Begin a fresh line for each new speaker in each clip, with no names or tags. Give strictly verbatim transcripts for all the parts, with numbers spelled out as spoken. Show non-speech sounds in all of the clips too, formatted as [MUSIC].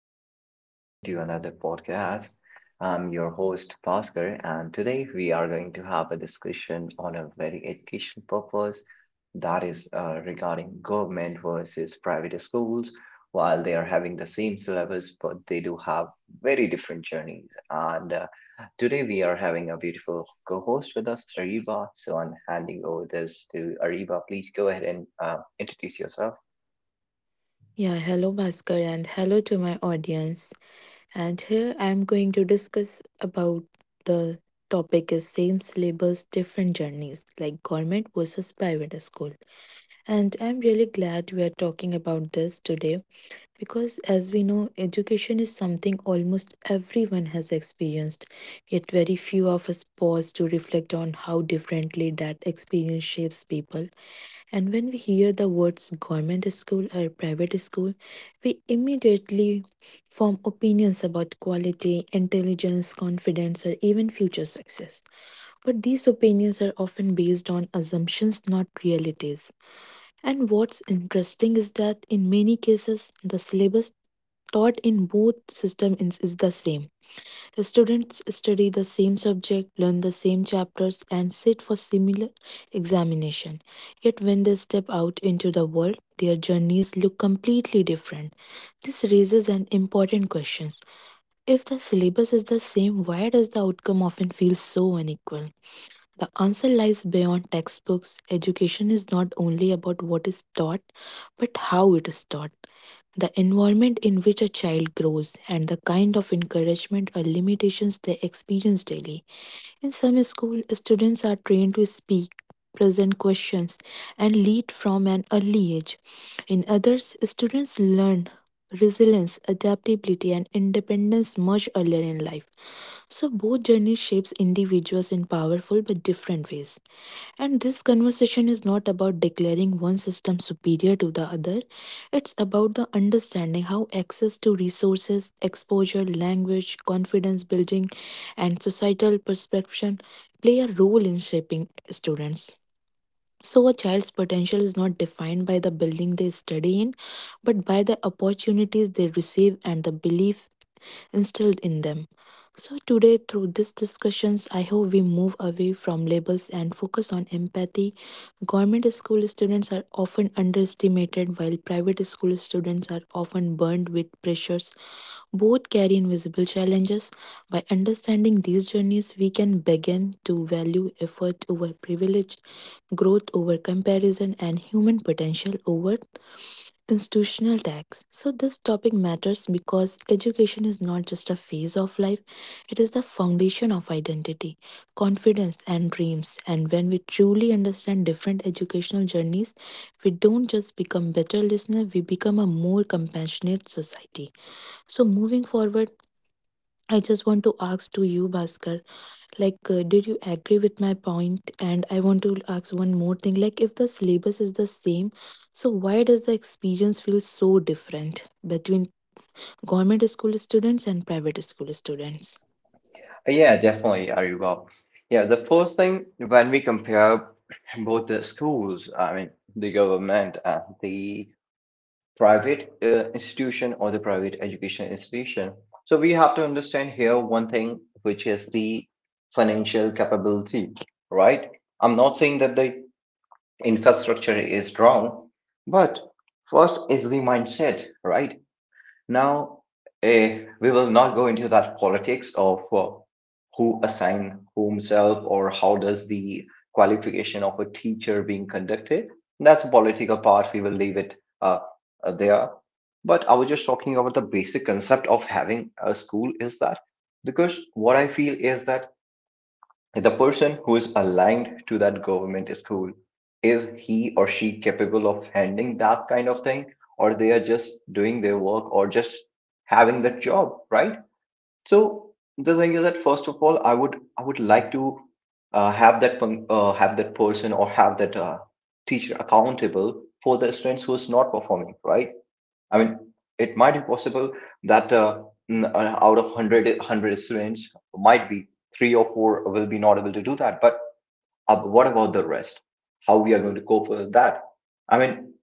and welcome to another podcast. I'm your host, Bhaskar, and today we are going to have a discussion on a very education purpose that is uh, regarding government versus private schools. While they are having the same syllabus, but they do have very different journeys. And uh, Today we are having a beautiful co host with us, Ariba. So I'm handing over this to Ariba. Please go ahead and uh, introduce yourself.
Yeah, hello Bhaskar and hello to my audience. And here I am going to discuss about the topic is same syllabus, different journeys, like government versus private school. And I'm really glad we are talking about this today because as we know, education is something almost everyone has experienced, yet very few of us pause to reflect on how differently that experience shapes people. And when we hear the words government school or private school, we immediately form opinions about quality, intelligence, confidence, or even future success. But these opinions are often based on assumptions, not realities. And what's interesting is that in many cases, the syllabus taught in both systems is is the same. The students study the same subject, learn the same chapters, and sit for similar examination. Yet when they step out into the world, their journeys look completely different. This raises an important question. If the syllabus is the same, why does the outcome often feel so unequal? The answer lies beyond textbooks. Education is not only about what is taught, but how it is taught. The environment in which a child grows and the kind of encouragement or limitations they experience daily. In some schools, students are trained to speak, present questions, and lead from an early age. In others, students learn resilience, adaptability, and independence much earlier in life. So both journeys shapes individuals in powerful but different ways. And this conversation is not about declaring one system superior to the other. It's about the understanding how access to resources, exposure, language, confidence building, and societal perception play a role in shaping students. So, a child's potential is not defined by the building they study in, but by the opportunities they receive and the belief instilled in them. So, today, through these discussions, I hope we move away from labels and focus on empathy. Government school students are often underestimated, while private school students are often burdened with pressures. Both carry invisible challenges. By understanding these journeys, we can begin to value effort over privilege, growth over comparison, and human potential over institutional tax. So, this topic matters because education is not just a phase of life, it is the foundation of identity, confidence, and dreams. And when we truly understand different educational journeys, we don't just become better listeners, we become a more compassionate society. So, moving forward, I just want to ask to you, Bhaskar, like, uh, did you agree with my point? And I want to ask one more thing. Like, if the syllabus is the same, so why does the experience feel so different between government school students and private school students?
Uh, Yeah, definitely, Aribab. Yeah, the first thing when we compare both the schools, I mean, the government and the private uh, institution or the private education institution, so we have to understand here one thing, which is the financial capability, right? I'm not saying that the infrastructure is wrong, but first is the mindset, right? Now, eh, we will not go into that politics of uh, who assign whomself or how does the qualification of a teacher being conducted. That's a political part. We will leave it uh, uh, there. But I was just talking about the basic concept of having a school, is that because what I feel is that the person who is aligned to that government school, is he or she capable of handling that kind of thing, or they are just doing their work or just having the job, right? So the thing is that first of all, i would i would like to uh, have that pun- uh, have that person or have that uh, teacher accountable for the students who is not performing, right? I mean, it might be possible that uh, n- uh, out of one hundred, one hundred students, might be three or four will be not able to do that. But uh, what about the rest? How we are going to cope with that? I mean,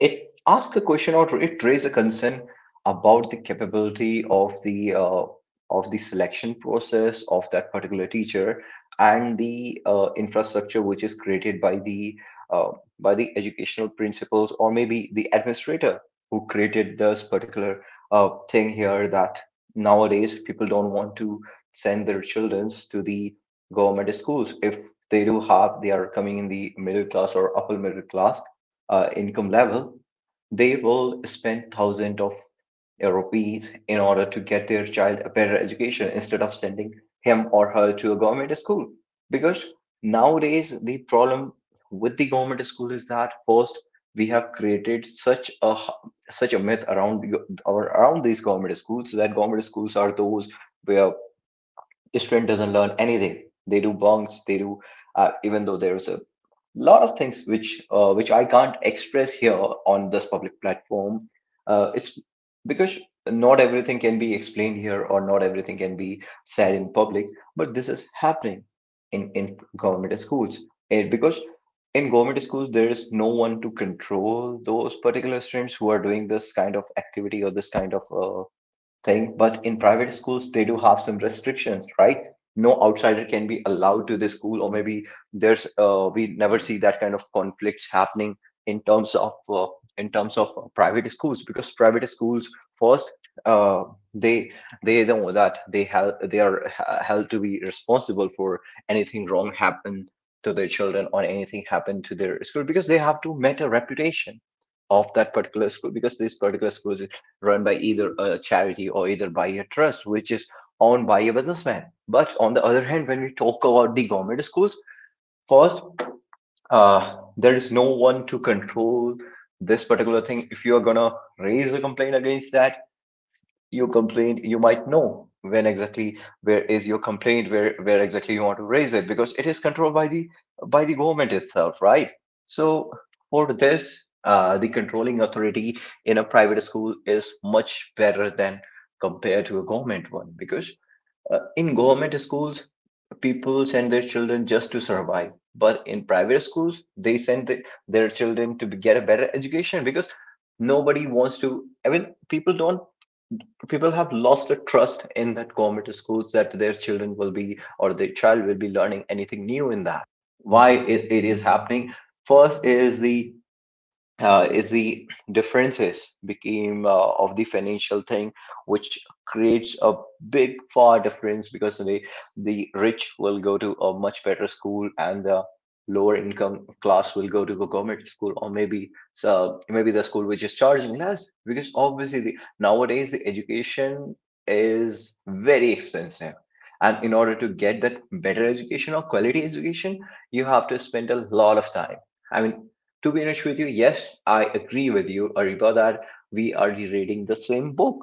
it asks a question or it raises a concern about the capability of the uh, of the selection process of that particular teacher and the uh, infrastructure which is created by the uh, by the educational principals or maybe the administrator who created this particular uh, thing here, that nowadays people don't want to send their children to the government schools. If they do have, they are coming in the middle class or upper middle class uh, income level, they will spend thousands of rupees in order to get their child a better education instead of sending him or her to a government school. Because nowadays, the problem with the government school is that first, we have created such a h- such a myth around you- or around these government schools, that government schools are those where a student doesn't learn anything. They do bunks, they do uh, even though there is a lot of things which uh, which I can't express here on this public platform. Uh, it's because not everything can be explained here, or not everything can be said in public. But this is happening in in government schools, and because in government schools there is no one to control those particular streams who are doing this kind of activity or this kind of uh, thing. But in private schools, they do have some restrictions, right? No outsider can be allowed to the school, or maybe there's uh, we never see that kind of conflicts happening in terms of uh, in terms of uh, private schools, because private schools first uh, they they know that they have they are h- held to be responsible for anything wrong happen to their children or anything happen to their school, because they have to meet a reputation of that particular school, because this particular school is run by either a charity or either by a trust, which is owned by a businessman. But on the other hand, when we talk about the government schools, first, uh, there is no one to control this particular thing. If you are gonna raise a complaint against that, you complained, you might know when exactly where is your complaint, where where exactly you want to raise it, because it is controlled by the by the government itself, right? So for this, uh, the controlling authority in a private school is much better than compared to a government one, because uh, in government schools people send their children just to survive, but in private schools they send the, their children to be- get a better education. Because nobody wants to, I mean, people don't, people have lost the trust in that government schools, that their children will be or their child will be learning anything new in that. Why it, it is happening? First is the uh, is the differences became uh, of the financial thing, which creates a big far difference, because the the rich will go to a much better school and the lower income class will go to a government school, or maybe so maybe the school which is charging less, because obviously the, nowadays the education is very expensive, and in order to get that better education or quality education you have to spend a lot of time. I mean, to be honest with you, yes, I agree with you, Ariba, that we are rereading the same book.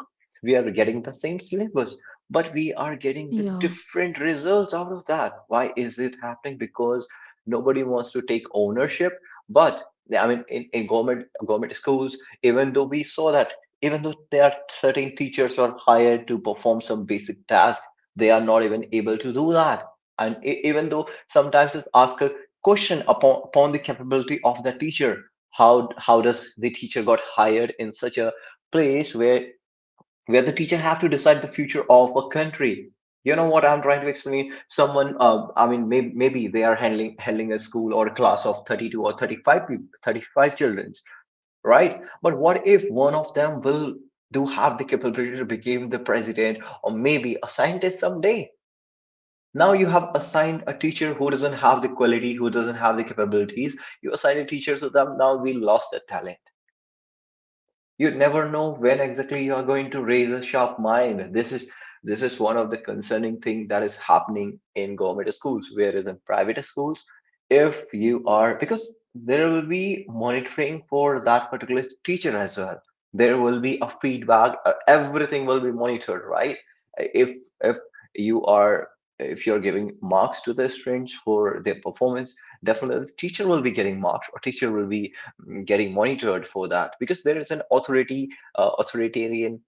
We are getting the same syllabus, but we are getting the
Yeah.
different results out of that. Why is it happening? Because nobody wants to take ownership. But I mean, in, in government government schools, even though we saw that, even though there are certain teachers are hired to perform some basic tasks, they are not even able to do that. And e- even though sometimes it's asked question upon, upon the capability of the teacher, how how does the teacher got hired in such a place where where the teacher have to decide the future of a country. You know what I'm trying to explain, someone uh, I mean, may, maybe they are handling handling a school or a class of thirty-two or thirty-five people, thirty-five children, right? But what if one of them will do have the capability to become the president or maybe a scientist someday? Now you have assigned a teacher who doesn't have the quality, who doesn't have the capabilities, you assign a teacher to them, now we lost that talent. You never know when exactly you are going to raise a sharp mind. This is this is one of the concerning thing that is happening in government schools, whereas in private schools, if you are, because there will be monitoring for that particular teacher as well, there will be a feedback, uh, everything will be monitored, right? If if you are, if you're giving marks to the students for their performance, definitely the teacher will be getting marks, or teacher will be getting monitored for that, because there is an authority, uh, authoritarian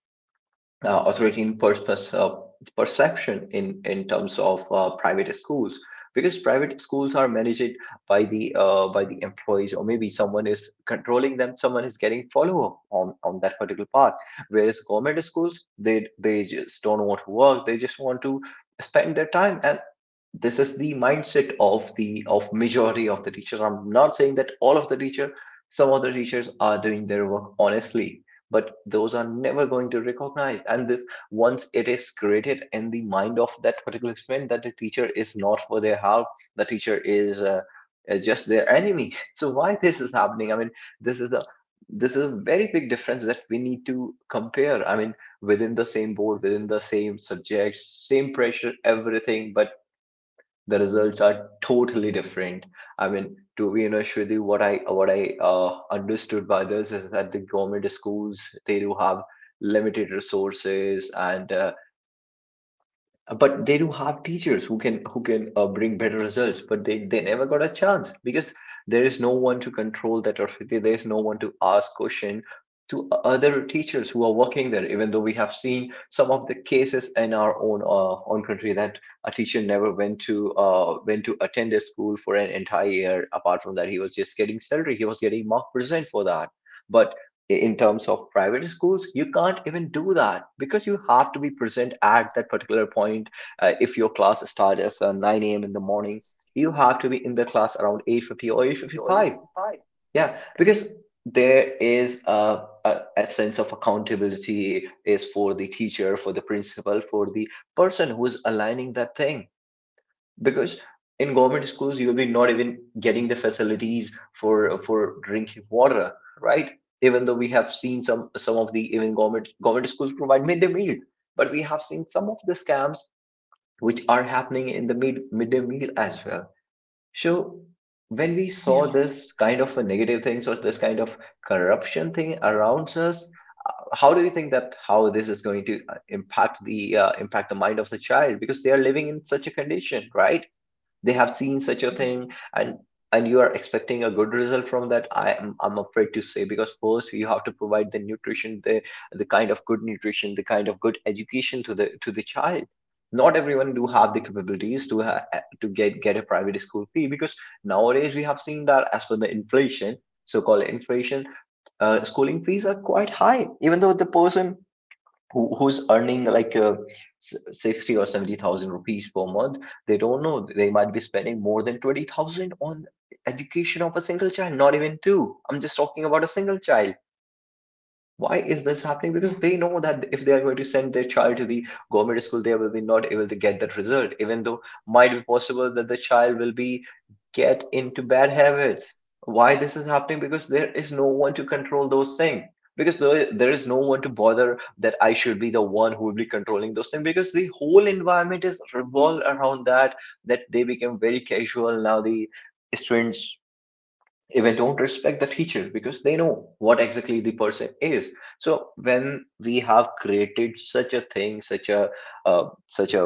uh, authoritarian purpose uh, perception in in terms of uh, private schools, because private schools are managed by the uh, by the employees, or maybe someone is controlling them, someone is getting follow up on on that particular part. Whereas government schools, they they just don't want to work, they just want to spend their time. And this is the mindset of the of majority of the teachers. I'm not saying that all of the teacher, some of the teachers are doing their work honestly, but those are never going to recognize. And this, once it is created in the mind of that particular student that the teacher is not for their help, the teacher is uh, uh, just their enemy. So why this is happening? I mean, this is a, this is a very big difference that we need to compare. I mean, within the same board, within the same subjects, same pressure, everything, but the results are totally different. I mean, to be honest with you, what I what I uh, understood by this is that the government schools they do have limited resources, and uh, but they do have teachers who can who can uh, bring better results, but they they never got a chance because there is no one to control that authority, there is no one to ask question to other teachers who are working there. Even though we have seen some of the cases in our own uh, own country, that a teacher never went to uh, went to attend a school for an entire year. Apart from that, he was just getting salary, he was getting mark percent for that. But in terms of private schools, you can't even do that because you have to be present at that particular point. Uh, if your class starts at uh, nine a.m in the morning, you have to be in the class around eight fifty or eight fifty-five. Yeah, because there is a, a, a sense of accountability is for the teacher, for the principal, for the person who is aligning that thing. Because in government schools, you'll be not even getting the facilities for for drinking water, right? Even though we have seen some some of the, even government government schools provide midday meal, but we have seen some of the scams which are happening in the mid midday meal as well. So when we saw
Yeah.
this kind of a negative things or this kind of corruption thing around us, how do you think that how this is going to uh, impact the uh, impact the mind of the child, because they are living in such a condition, right? They have seen such a
Yeah.
thing, and and you are expecting a good result from that. i am I'm afraid to say, because first you have to provide the nutrition, the the kind of good nutrition, the kind of good education to the to the child. Not everyone do have the capabilities to ha- eh, to get get a private school fee, because nowadays we have seen that as per the inflation, so called inflation, uh, schooling fees are quite high, even though the person who, who's earning like uh, sixty or seventy thousand rupees per month, they don't know, they might be spending more than twenty thousand on education of a single child, not even two. I'm just talking about a single child. Why is this happening? Because they know that if they are going to send their child to the government school, they will be not able to get that result, even though might be possible that the child will be get into bad habits. Why this is happening? Because there is no one to control those things. Because there there is no one to bother that I should be the one who will be controlling those things. Because the whole environment is revolved around that, that they became very casual now. The students, if they don't respect the teacher, because they know what exactly the person is. So when we have created such a thing, such a uh, such a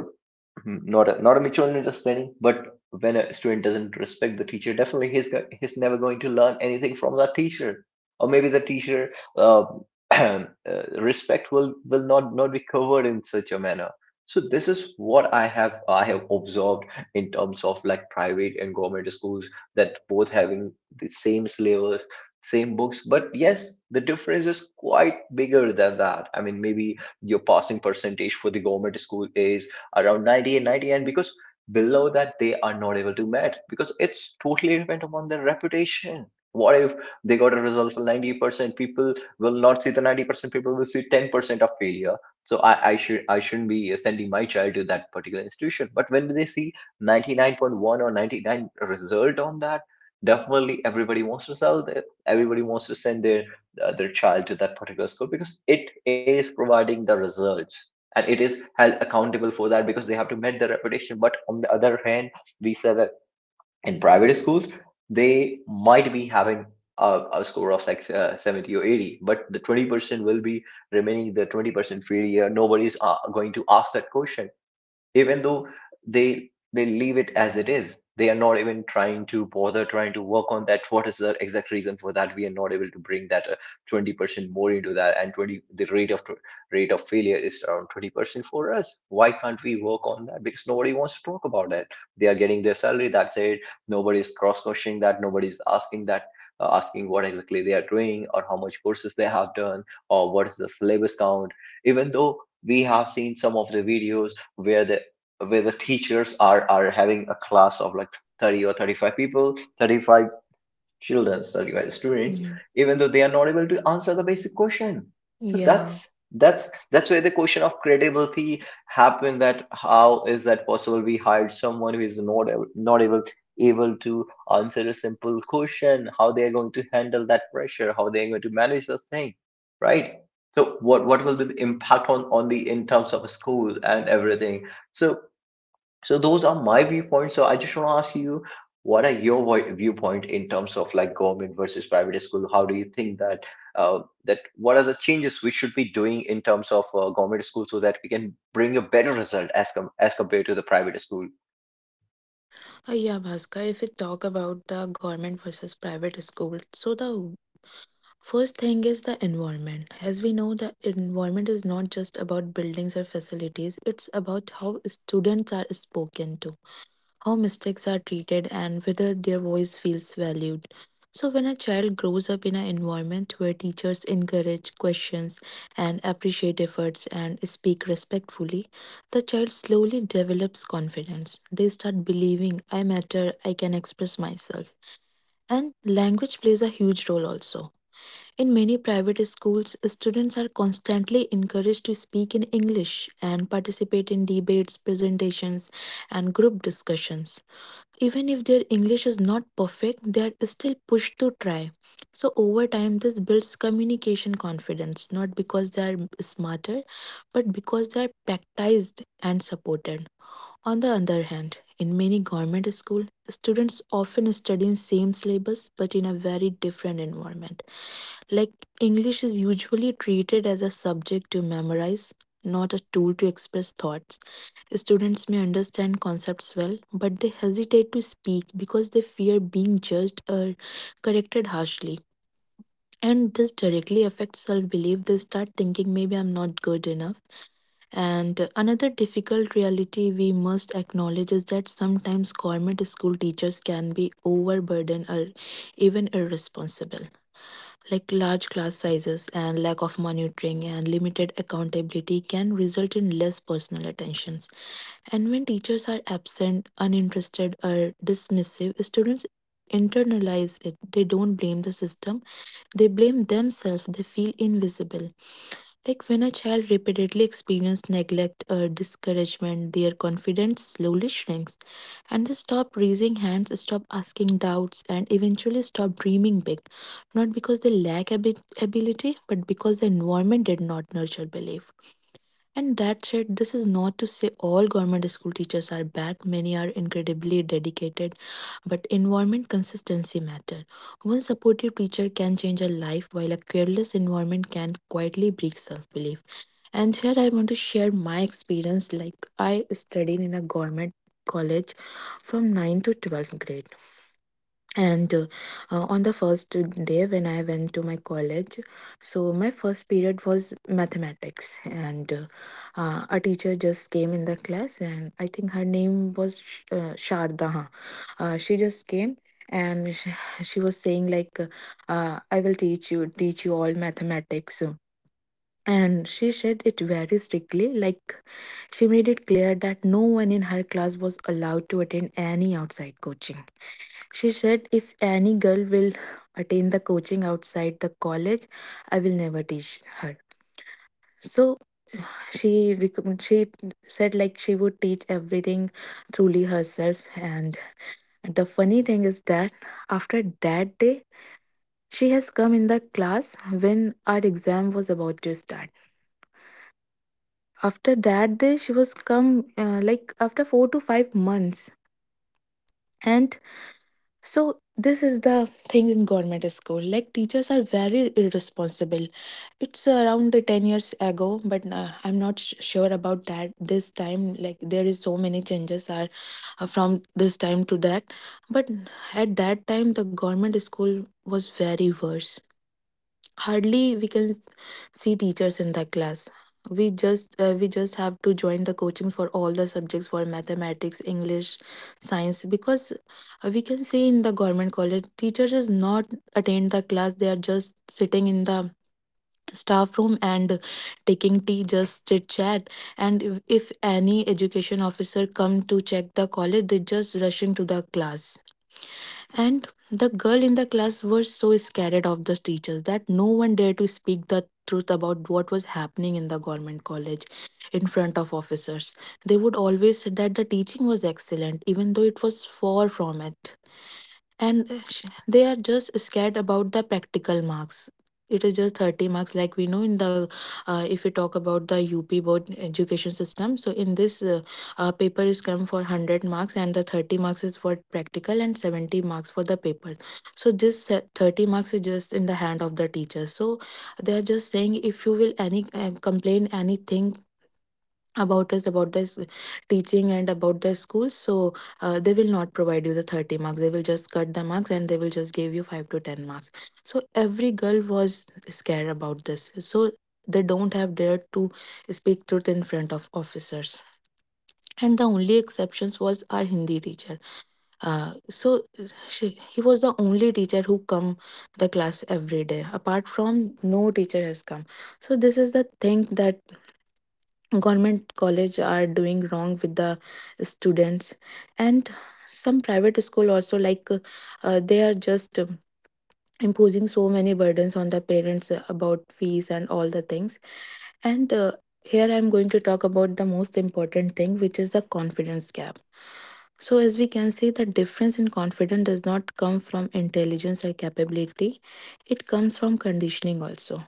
Mhm. Not a, not a mutual understanding, but when a student doesn't respect the teacher, definitely he's go- he's never going to learn anything from that teacher, or maybe the teacher uh, [CLEARS THROAT] uh, respect will will not not be covered in such a manner. So this is what i have I have observed in terms of like private and government schools, that both having the same syllabus, same books, but yes, the difference is quite bigger than that. I mean, maybe your passing percentage for the government school is around ninety and ninety, and because below that they are not able to meet, because it's totally dependent upon their reputation. What if they got a result for ninety percent people? Will not see the ninety percent, people will see ten percent of failure. So I, I should I shouldn't be sending my child to that particular institution. But when they see ninety-nine point one or ninety-nine result on that, definitely everybody wants to sell their, everybody wants to send their uh, their child to that particular school, because it is providing the results and it is held accountable for that, because they have to meet their reputation. But on the other hand, we say that in private schools, they might be having a, a score of like uh, seventy or eighty, but the twenty percent will be remaining, the twenty percent failure, nobody's uh, going to ask that question, even though they they leave it as it is. They are not even trying to bother trying to work on that, what is the exact reason for that we are not able to bring that uh, twenty percent more into that. And twenty, the rate of rate of failure is around twenty percent for us. Why can't we work on that? Because nobody wants to talk about that. They are getting their salary, that's it. Nobody's cross questioning that, nobody's asking that, uh, asking what exactly they are doing, or how much courses they have done, or what is the syllabus count. Even though we have seen some of the videos where the where the teachers are are having a class of like thirty or thirty-five people, thirty-five children, thirty-five students,
Mhm.
even though they are not able to answer the basic question. So
Yeah.
that's that's that's where the question of credibility happened. That how is that possible? We hired someone who is not ab- not able able to answer a simple question. How they are going to handle that pressure? How they are going to manage the thing? Right? So what what will be the impact on on the in terms of school and everything? So so those are my viewpoints. So I just want to ask you, what are your voi- viewpoint in terms of like government versus private school? How do you think that uh, that what are the changes we should be doing in terms of uh, government school, so that we can bring a better result as com- as compared to the private school?
Uh, yeah, Bhaskar, if we talk about the government versus private school, so the first thing is the environment. As we know, the environment is not just about buildings or facilities, it's about how students are spoken to, how mistakes are treated, and whether their voice feels valued. So, when a child grows up in an environment where teachers encourage questions and appreciate efforts and speak respectfully, the child slowly develops confidence. They start believing, I matter, I can express myself. And language plays a huge role also. In many private schools, students are constantly encouraged to speak in English and participate in debates, presentations, and group discussions. Even if their English is not perfect, they are still pushed to try. So, over time, this builds communication confidence, not because they are smarter, but because they are practiced and supported. On the other hand, in many government schools, students often study in same syllabus but in a very different environment, like, English is usually treated as a subject to memorize, not a tool to express thoughts. Students may understand concepts well, but they hesitate to speak because they fear being judged or corrected harshly. And this directly affects self belief. They start thinking, maybe I'm not good enough. And another difficult reality we must acknowledge is that sometimes government school teachers can be overburdened or even irresponsible, like large class sizes and lack of monitoring and limited accountability can result in less personal attentions. And when teachers are absent, uninterested, or dismissive, students internalize it. They don't blame the system, they blame themselves, they feel invisible. Like when a child repeatedly experiences neglect or discouragement, their confidence slowly shrinks and they stop raising hands, stop asking doubts, and eventually stop dreaming big. Not because they lack abi- ability, but because the environment did not nurture belief. And that said, this is not to say all government school teachers are bad, many are incredibly dedicated, but environment consistency matter. One supportive teacher can change a life, while a careless environment can quietly break self belief. And here I want to share my experience. Like I studied in a government college from nine to twelfth grade, and uh, uh, on the first day when I went to my college, so my first period was mathematics, and uh, uh, a teacher just came in the class, and I think her name was Sh- uh, sharda, huh? Uh, she just came, and she, she was saying like uh, uh, I will teach you teach you all mathematics. And she said it very strictly, like she made it clear that no one in her class was allowed to attend any outside coaching. She said, if any girl will attend the coaching outside the college, I will never teach her. So she recomm- she said like she would teach everything truly herself. And the funny thing is that after that day, she has come in the class when our exam was about to start. After that day she was come uh, like after four to five months. And so this is the thing in government school, like teachers are very irresponsible. It's around the ten years ago, but uh, I'm not sh- sure about that this time, like there is so many changes are uh, from this time to that. But at that time the government school was very worse. Hardly we can s- see teachers in that class. We just uh, we just have to join the coaching for all the subjects, for mathematics, english, science, because uh, we can see in the government college teachers is not attend the class. They are just sitting in the staff room and taking tea, just chit chat. And if, if any education officer come to check the college, they just rushing to the class. And the girl in the class were so scared of the teachers that no one dared to speak the truth about what was happening in the government college in front of officers. They would always say that the teaching was excellent, even though it was far from it. And uh, sh- they are just scared about the practical marks. It is just thirty marks, like we know in the uh, if we talk about the up board education system, so in this uh, uh, paper is come for hundred marks and the thirty marks is for practical and seventy marks for the paper. So this se- thirty marks is just in the hand of the teacher. So they are just saying if you will any uh, complain anything about us, about this teaching and about the schools, so uh, they will not provide you the thirty marks, they will just cut the marks and they will just give you five to ten marks. So every girl was scared about this, so they don't have dared to speak truth in front of officers. And the only exceptions was our Hindi teacher. Uh, so she, he was the only teacher who come the class every day, apart from no teacher has come. So this is the thing that government college are doing wrong with the students. And some private school also, like uh, they are just um, imposing so many burdens on the parents uh, about fees and all the things. And uh, here I'm going to talk about the most important thing, which is the confidence gap. So as we can see the difference in confidence does not come from intelligence or capability, it comes from conditioning also.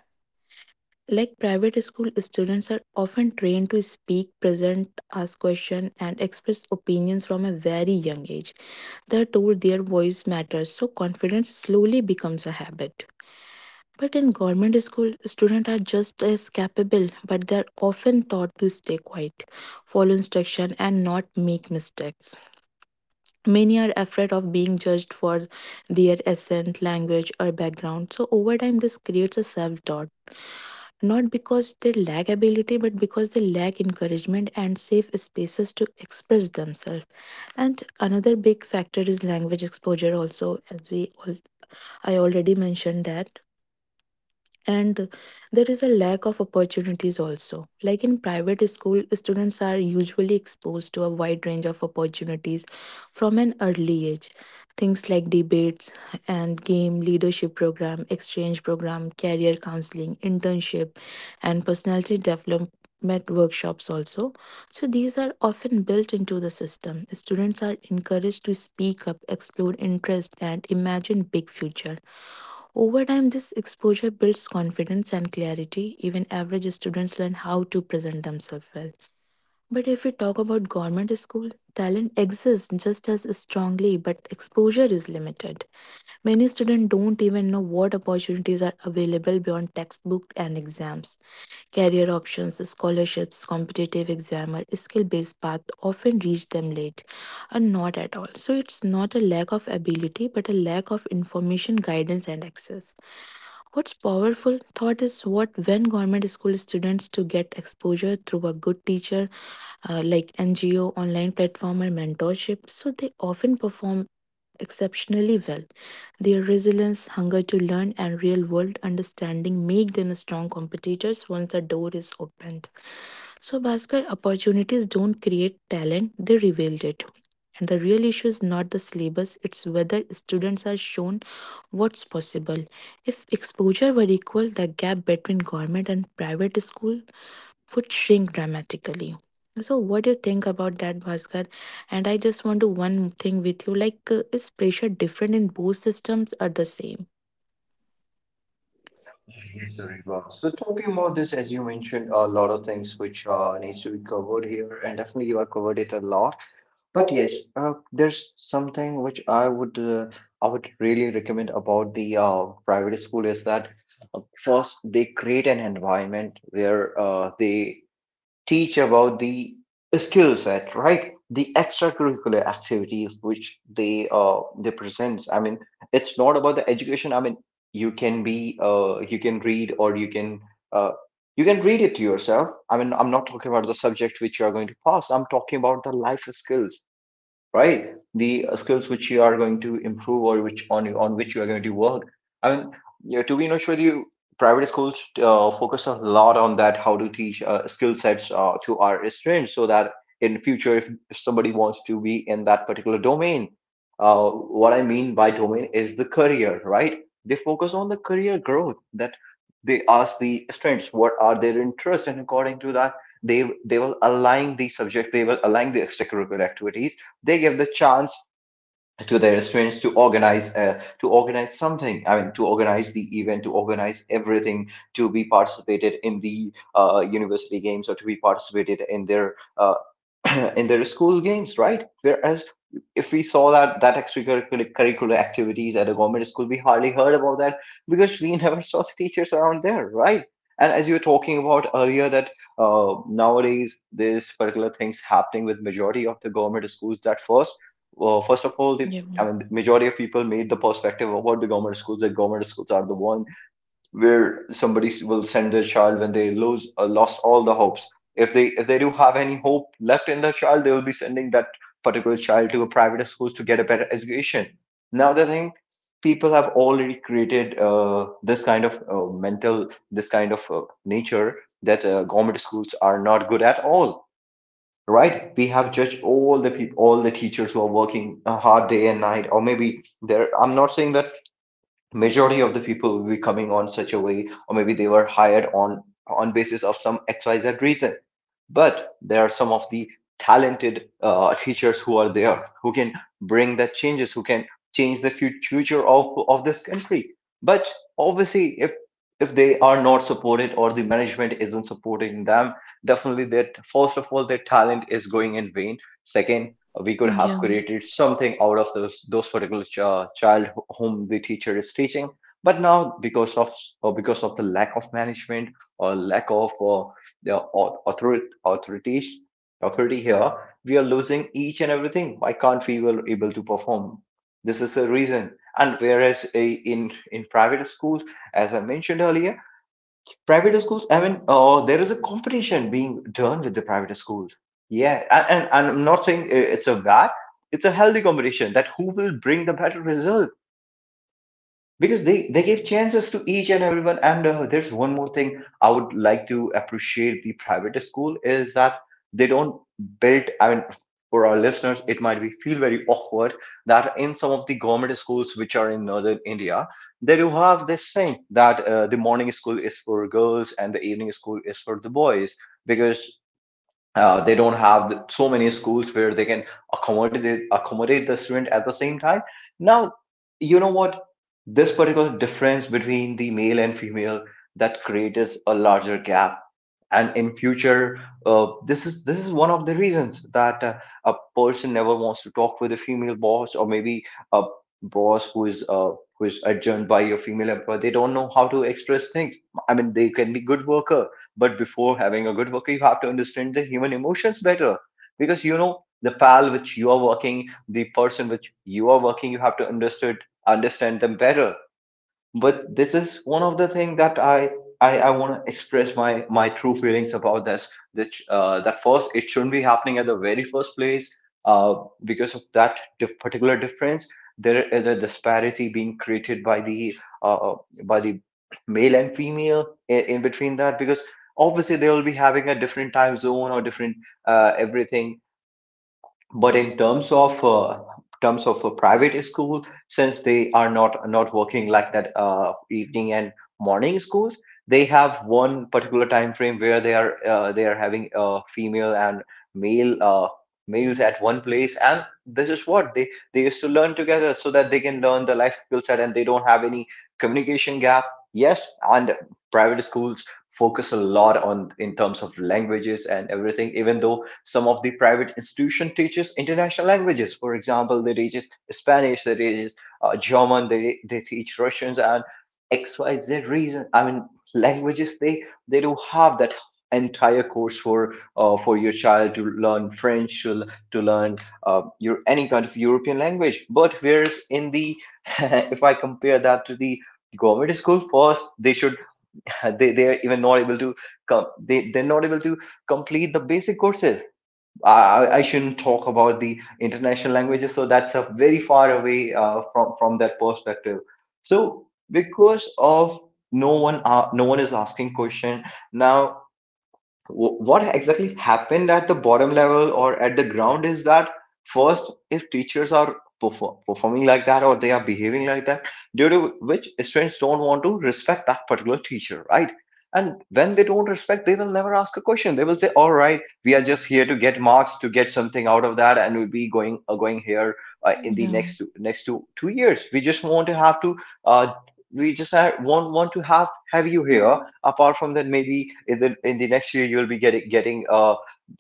Like private school students are often trained to speak, present, ask questions, and express opinions from a very young age. They are told their voice matters, so confidence slowly becomes a habit. But in government school, students are just as capable, but they are often taught to stay quiet, follow instruction, and not make mistakes. Many are afraid of being judged for their accent, language, or background, so over time, this creates a self doubt, not because they lack ability but because they lack encouragement and safe spaces to express themselves. And another big factor is language exposure also, as we all, I already mentioned that. And there is a lack of opportunities also, like in private school students are usually exposed to a wide range of opportunities from an early age. Things like debates and game, leadership program, exchange program, career counseling, internship, and personality development workshops also. So these are often built into the system. Students are encouraged to speak up, explore interest, and imagine big future. Over time, this exposure builds confidence and clarity. Even average students learn how to present themselves well. But if we talk about government school, talent exists just as strongly, but exposure is limited. Many students don't even know what opportunities are available beyond textbook and exams. Career options, scholarships, competitive exam, or skill based path often reach them late or not at all. So it's not a lack of ability but a lack of information, guidance, and access. What's powerful thought is what when government school students to get exposure through a good teacher, uh, like N G O, online platform, or mentorship, so they often perform exceptionally well. Their resilience, hunger to learn, and real world understanding make them strong competitors once the door is opened. So, Bhaskar, opportunities don't create talent, they reveal it. And the real issue is not the syllabus, it's whether students are shown what's possible. If exposure were equal, the gap between government and private school would shrink dramatically. So, what do you think about that, Bhaskar? And I just want to one thing with you, like, uh, is pressure different in both systems or the same?
Yes, sir, it was. So talking about this, as you mentioned, a lot of things which uh, needs to be covered here, and definitely you have covered it a lot. But yes, uh, there's something which I would uh, I would really recommend about the uh, private school is that uh, first they create an environment where uh, they teach about the skill set, right? The extracurricular activities which they uh, they presents. I mean, it's not about the education. I mean, you can be uh, you can read, or you can uh, you can read it to yourself. I mean, I'm not talking about the subject which you are going to pass. I'm talking about the life skills, right? The uh, skills which you are going to improve, or which on on which you are going to work. I mean, you know, to be honest with you, private schools uh, focus a lot on that, how to teach uh, skill sets uh, to our students, so that in future, if, if somebody wants to be in that particular domain, uh, what I mean by domain is the career, right? They focus on the career growth. That they ask the students what are their interests, and according to that, they they will align the subject, they will align the extracurricular activities. They give the chance to their students to organize uh, to organize something, I mean, to organize the event, to organize everything, to be participated in the uh, university games, or to be participated in their uh, [CLEARS THROAT] in their school games, right? Whereas if we saw that that extracurricular curricular activities at a government school, we hardly heard about that, because we [LAUGHS] never saw the teachers around there, right? And as you were talking about earlier, that uh, nowadays this particular things happening with majority of the government schools, that first, well, first of all, the,
Yeah,
I mean, majority of people made the perspective about the government schools, that government schools are the one where somebody will send their child when they lose uh, lost all the hopes. If they if they do have any hope left in their child, they will be sending that particular child to a private schools to get a better education. Now the thing, people have already created uh, this kind of uh, mental, this kind of uh, nature that uh, government schools are not good at all, right? We have judged all the people, all the teachers who are working a hard day and night, or maybe there, I'm not saying that majority of the people will be coming on such a way, or maybe they were hired on on basis of some xyz reason. But there are some of the talented uh, teachers who are there who can bring the changes, who can change the fu- future of of this country. But obviously, if if they are not supported, or the management isn't supporting them, definitely that first of all their talent is going in vain. Second, we could
yeah,
have created something out of those those particular ch- uh, child wh- whom the teacher is teaching. But now because of, or because of the lack of management, or lack of uh, the au- authority authorities authority here, we are losing each and everything. Why can't we were able to perform? This is the reason. And whereas a, in in private schools, as I mentioned earlier, private schools, I mean, uh, there is a competition being done with the private schools. Yeah, and, and, and I'm not saying i- it's a bad, it's a healthy competition, that who will bring the better result, because they they gave chances to each and everyone. And uh, there's one more thing I would like to appreciate the private school is that, they don't build, I mean, for our listeners it might be feel very awkward, that in some of the government schools which are in northern India, they do have this thing that uh, the morning school is for girls, and the evening school is for the boys, because uh, they don't have the, so many schools where they can accommodate accommodate the student at the same time. Now, you know what, this particular difference between the male and female, that creates a larger gap. And in future, uh, this is this is one of the reasons that uh, a person never wants to talk with a female boss, or maybe a boss who is uh, who is adjourned by your female employer. They don't know how to express things. I mean, they can be good worker, but before having a good worker you have to understand the human emotions better. Because, you know the pal which you are working, the person which you are working, you have to understood understand them better. But this is one of the thing that i i, I want to express my my true feelings about this, that uh, that first it shouldn't be happening at the very first place. uh, because of that dif- particular difference, there is a disparity being created by the uh, uh, by the male and female, in, in between that. Because obviously they will be having a different time zone or different, uh, everything. But in terms of uh, terms of a private school, since they are not not working like that, uh, evening and morning schools, they have one particular time frame where they are uh, they are having, uh, female and male uh, males at one place, and this is what they they used to learn together, so that they can learn the life skill set and they don't have any communication gap. Yes, and private schools focus a lot on, in terms of languages and everything, even though some of the private institution teaches international languages. For example, they teaches Spanish, they teaches uh, German, they they teach Russians and XYZ reason, I mean, languages, they they do have that entire course for uh, for your child to learn French, to, l- to learn uh, your any kind of European language, but whereas in the [LAUGHS] if I compare that to the government school, first they should, uh, they they are even not able to come, they they're not able to complete the basic courses. I i shouldn't talk about the international languages, so that's a very far away, uh, from from that perspective. So because of, no one uh, no one is asking question. Now, Wh- what exactly happened at the bottom level or at the ground is that, first, if teachers are perform- performing like that, or they are behaving like that, due to which students don't want to respect that particular teacher, right? And when they don't respect, they will never ask a question. They will say, all right, we are just here to get marks, to get something out of that, and we'll be going uh, going here, uh, in the
yeah,
next two, next two two years we just want to have to, uh, we just ha- want want to have have you here. Apart from that, maybe in the, in the next year you'll be getting getting a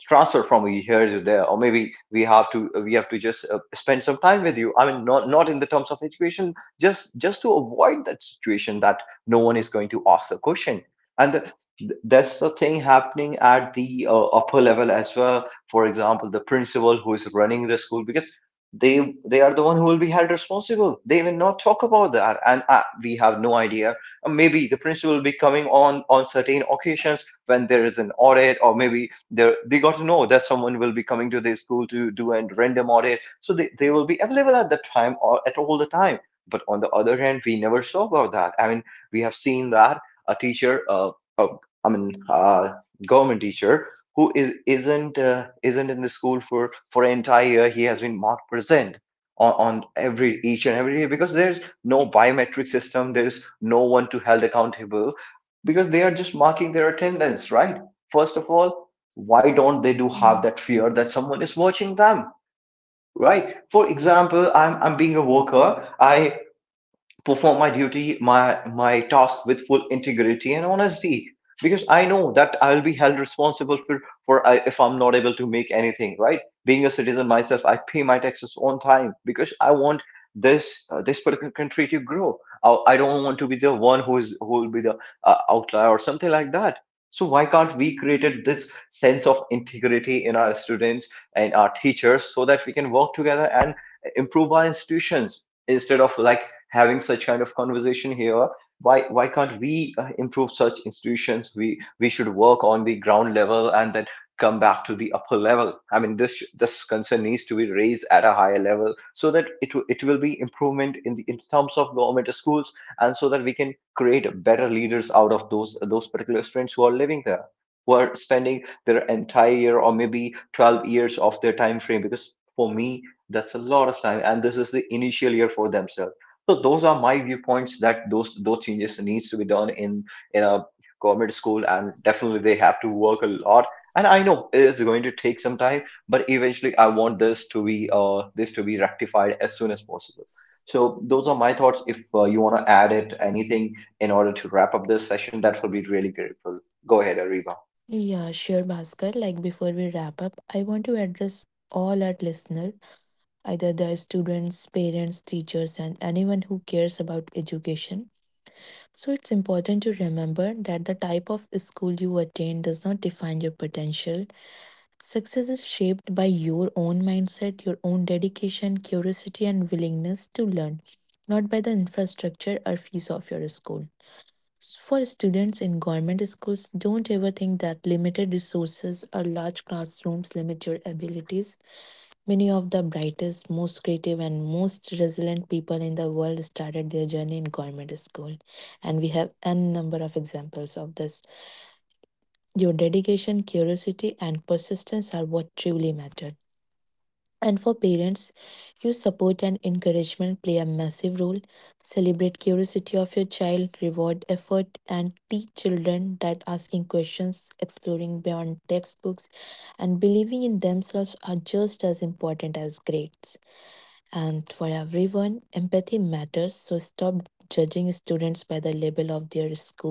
transfer from here to there, or maybe we have to we have to just uh, spend some time with you, I mean, not not in the terms of education, just just to avoid that situation that no one is going to ask the question. And the, th- that's the thing happening at the uh, upper level as well. For example, the principal who is running the school, because they they are the one who will be held responsible, they will not talk about that. And uh, we have no idea. Uh, maybe the principal will be coming on on certain occasions when there is an audit, or maybe they they got to know that someone will be coming to their school to do a random audit, so they, they will be available at that time, or at all the time. But on the other hand we never saw about that, I mean, we have seen that a teacher, uh, uh I mean, uh government teacher who is isn't uh, isn't in the school for for an entire year, he has been not present on, on every each and every day, because there's no biometric system, there's no one to held accountable, because they are just marking their attendance, right? First of all, why don't they do
yeah.
have that fear that someone is watching them? Right, for example, i'm, I'm being a worker, I perform my duty, my my task with full integrity and honesty, because I know that I'll be held responsible for for I, if I'm not able to make anything right. Being a citizen myself, I pay my taxes on time because I want this uh, this particular country to grow. I, I don't want to be the one who is who will be the uh, outlier or something like that. So why can't we created this sense of integrity in our students and our teachers, so that we can work together and improve our institutions, instead of like having such kind of conversation here. Why why can't we uh, improve such institutions? We we should work on the ground level and then come back to the upper level. I mean, this this concern needs to be raised at a higher level, so that it it will be improvement in the, in terms of government schools, and so that we can create better leaders out of those those particular students who are living there, who are spending their entire year or maybe 12 years of their time frame. Because for me, that's a lot of time, and this is the initial year for themselves. So those are my viewpoints, that those those changes needs to be done in in a government school, and definitely they have to work a lot. And I know it is going to take some time, but eventually I want this to be uh this to be rectified as soon as possible. So those are my thoughts. If uh, you want to add it anything in order to wrap up this session, that will be really grateful. Go ahead, Ariba.
Yeah, sure, Bhaskar. Like, before we wrap up, I want to address all our listener, either the students, parents, teachers, and anyone who cares about education. So, it's important to remember that the type of school you attend does not define your potential. Success is shaped by your own mindset, your own dedication, curiosity, and willingness to learn, not by the infrastructure or fees of your school. For students in government schools, don't ever think that limited resources or large classrooms limit your abilities. Many of the brightest, most creative, and most resilient people in the world started their journey in government school, and we have n number of examples of this. Your dedication, curiosity, and persistence are what truly matter. And for parents, your support and encouragement play a massive role. Celebrate curiosity of your child, reward effort, and teach children that asking questions, exploring beyond textbooks, and believing in themselves are just as important as grades. And for everyone, empathy matters, so stop judging students by the label of their school.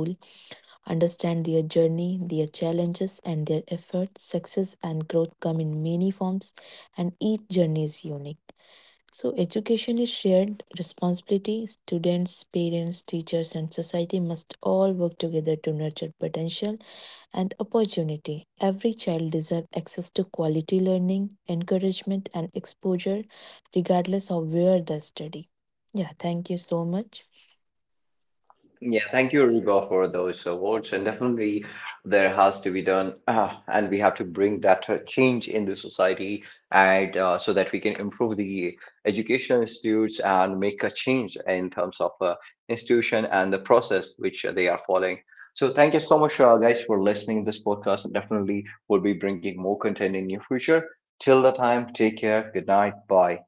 Understand their journey, their challenges, and their efforts. Success and growth come in many forms, and each journey is unique. So, education is shared responsibility. Students, parents, teachers, and society must all work together to nurture potential and opportunity. Every child deserves access to quality learning, encouragement, and exposure, regardless of where they study. Yeah, thank you so much.
Yeah, thank you, Reba, for those awards. And definitely, there has to be done, uh, and we have to bring that uh, change in the society, and uh, so that we can improve the education institutes and make a change in terms of uh, institution and the process which they are following. So, thank you so much, uh, guys, for listening this podcast. Definitely, we'll be bringing more content in near future. Till the time, take care. Good night. Bye.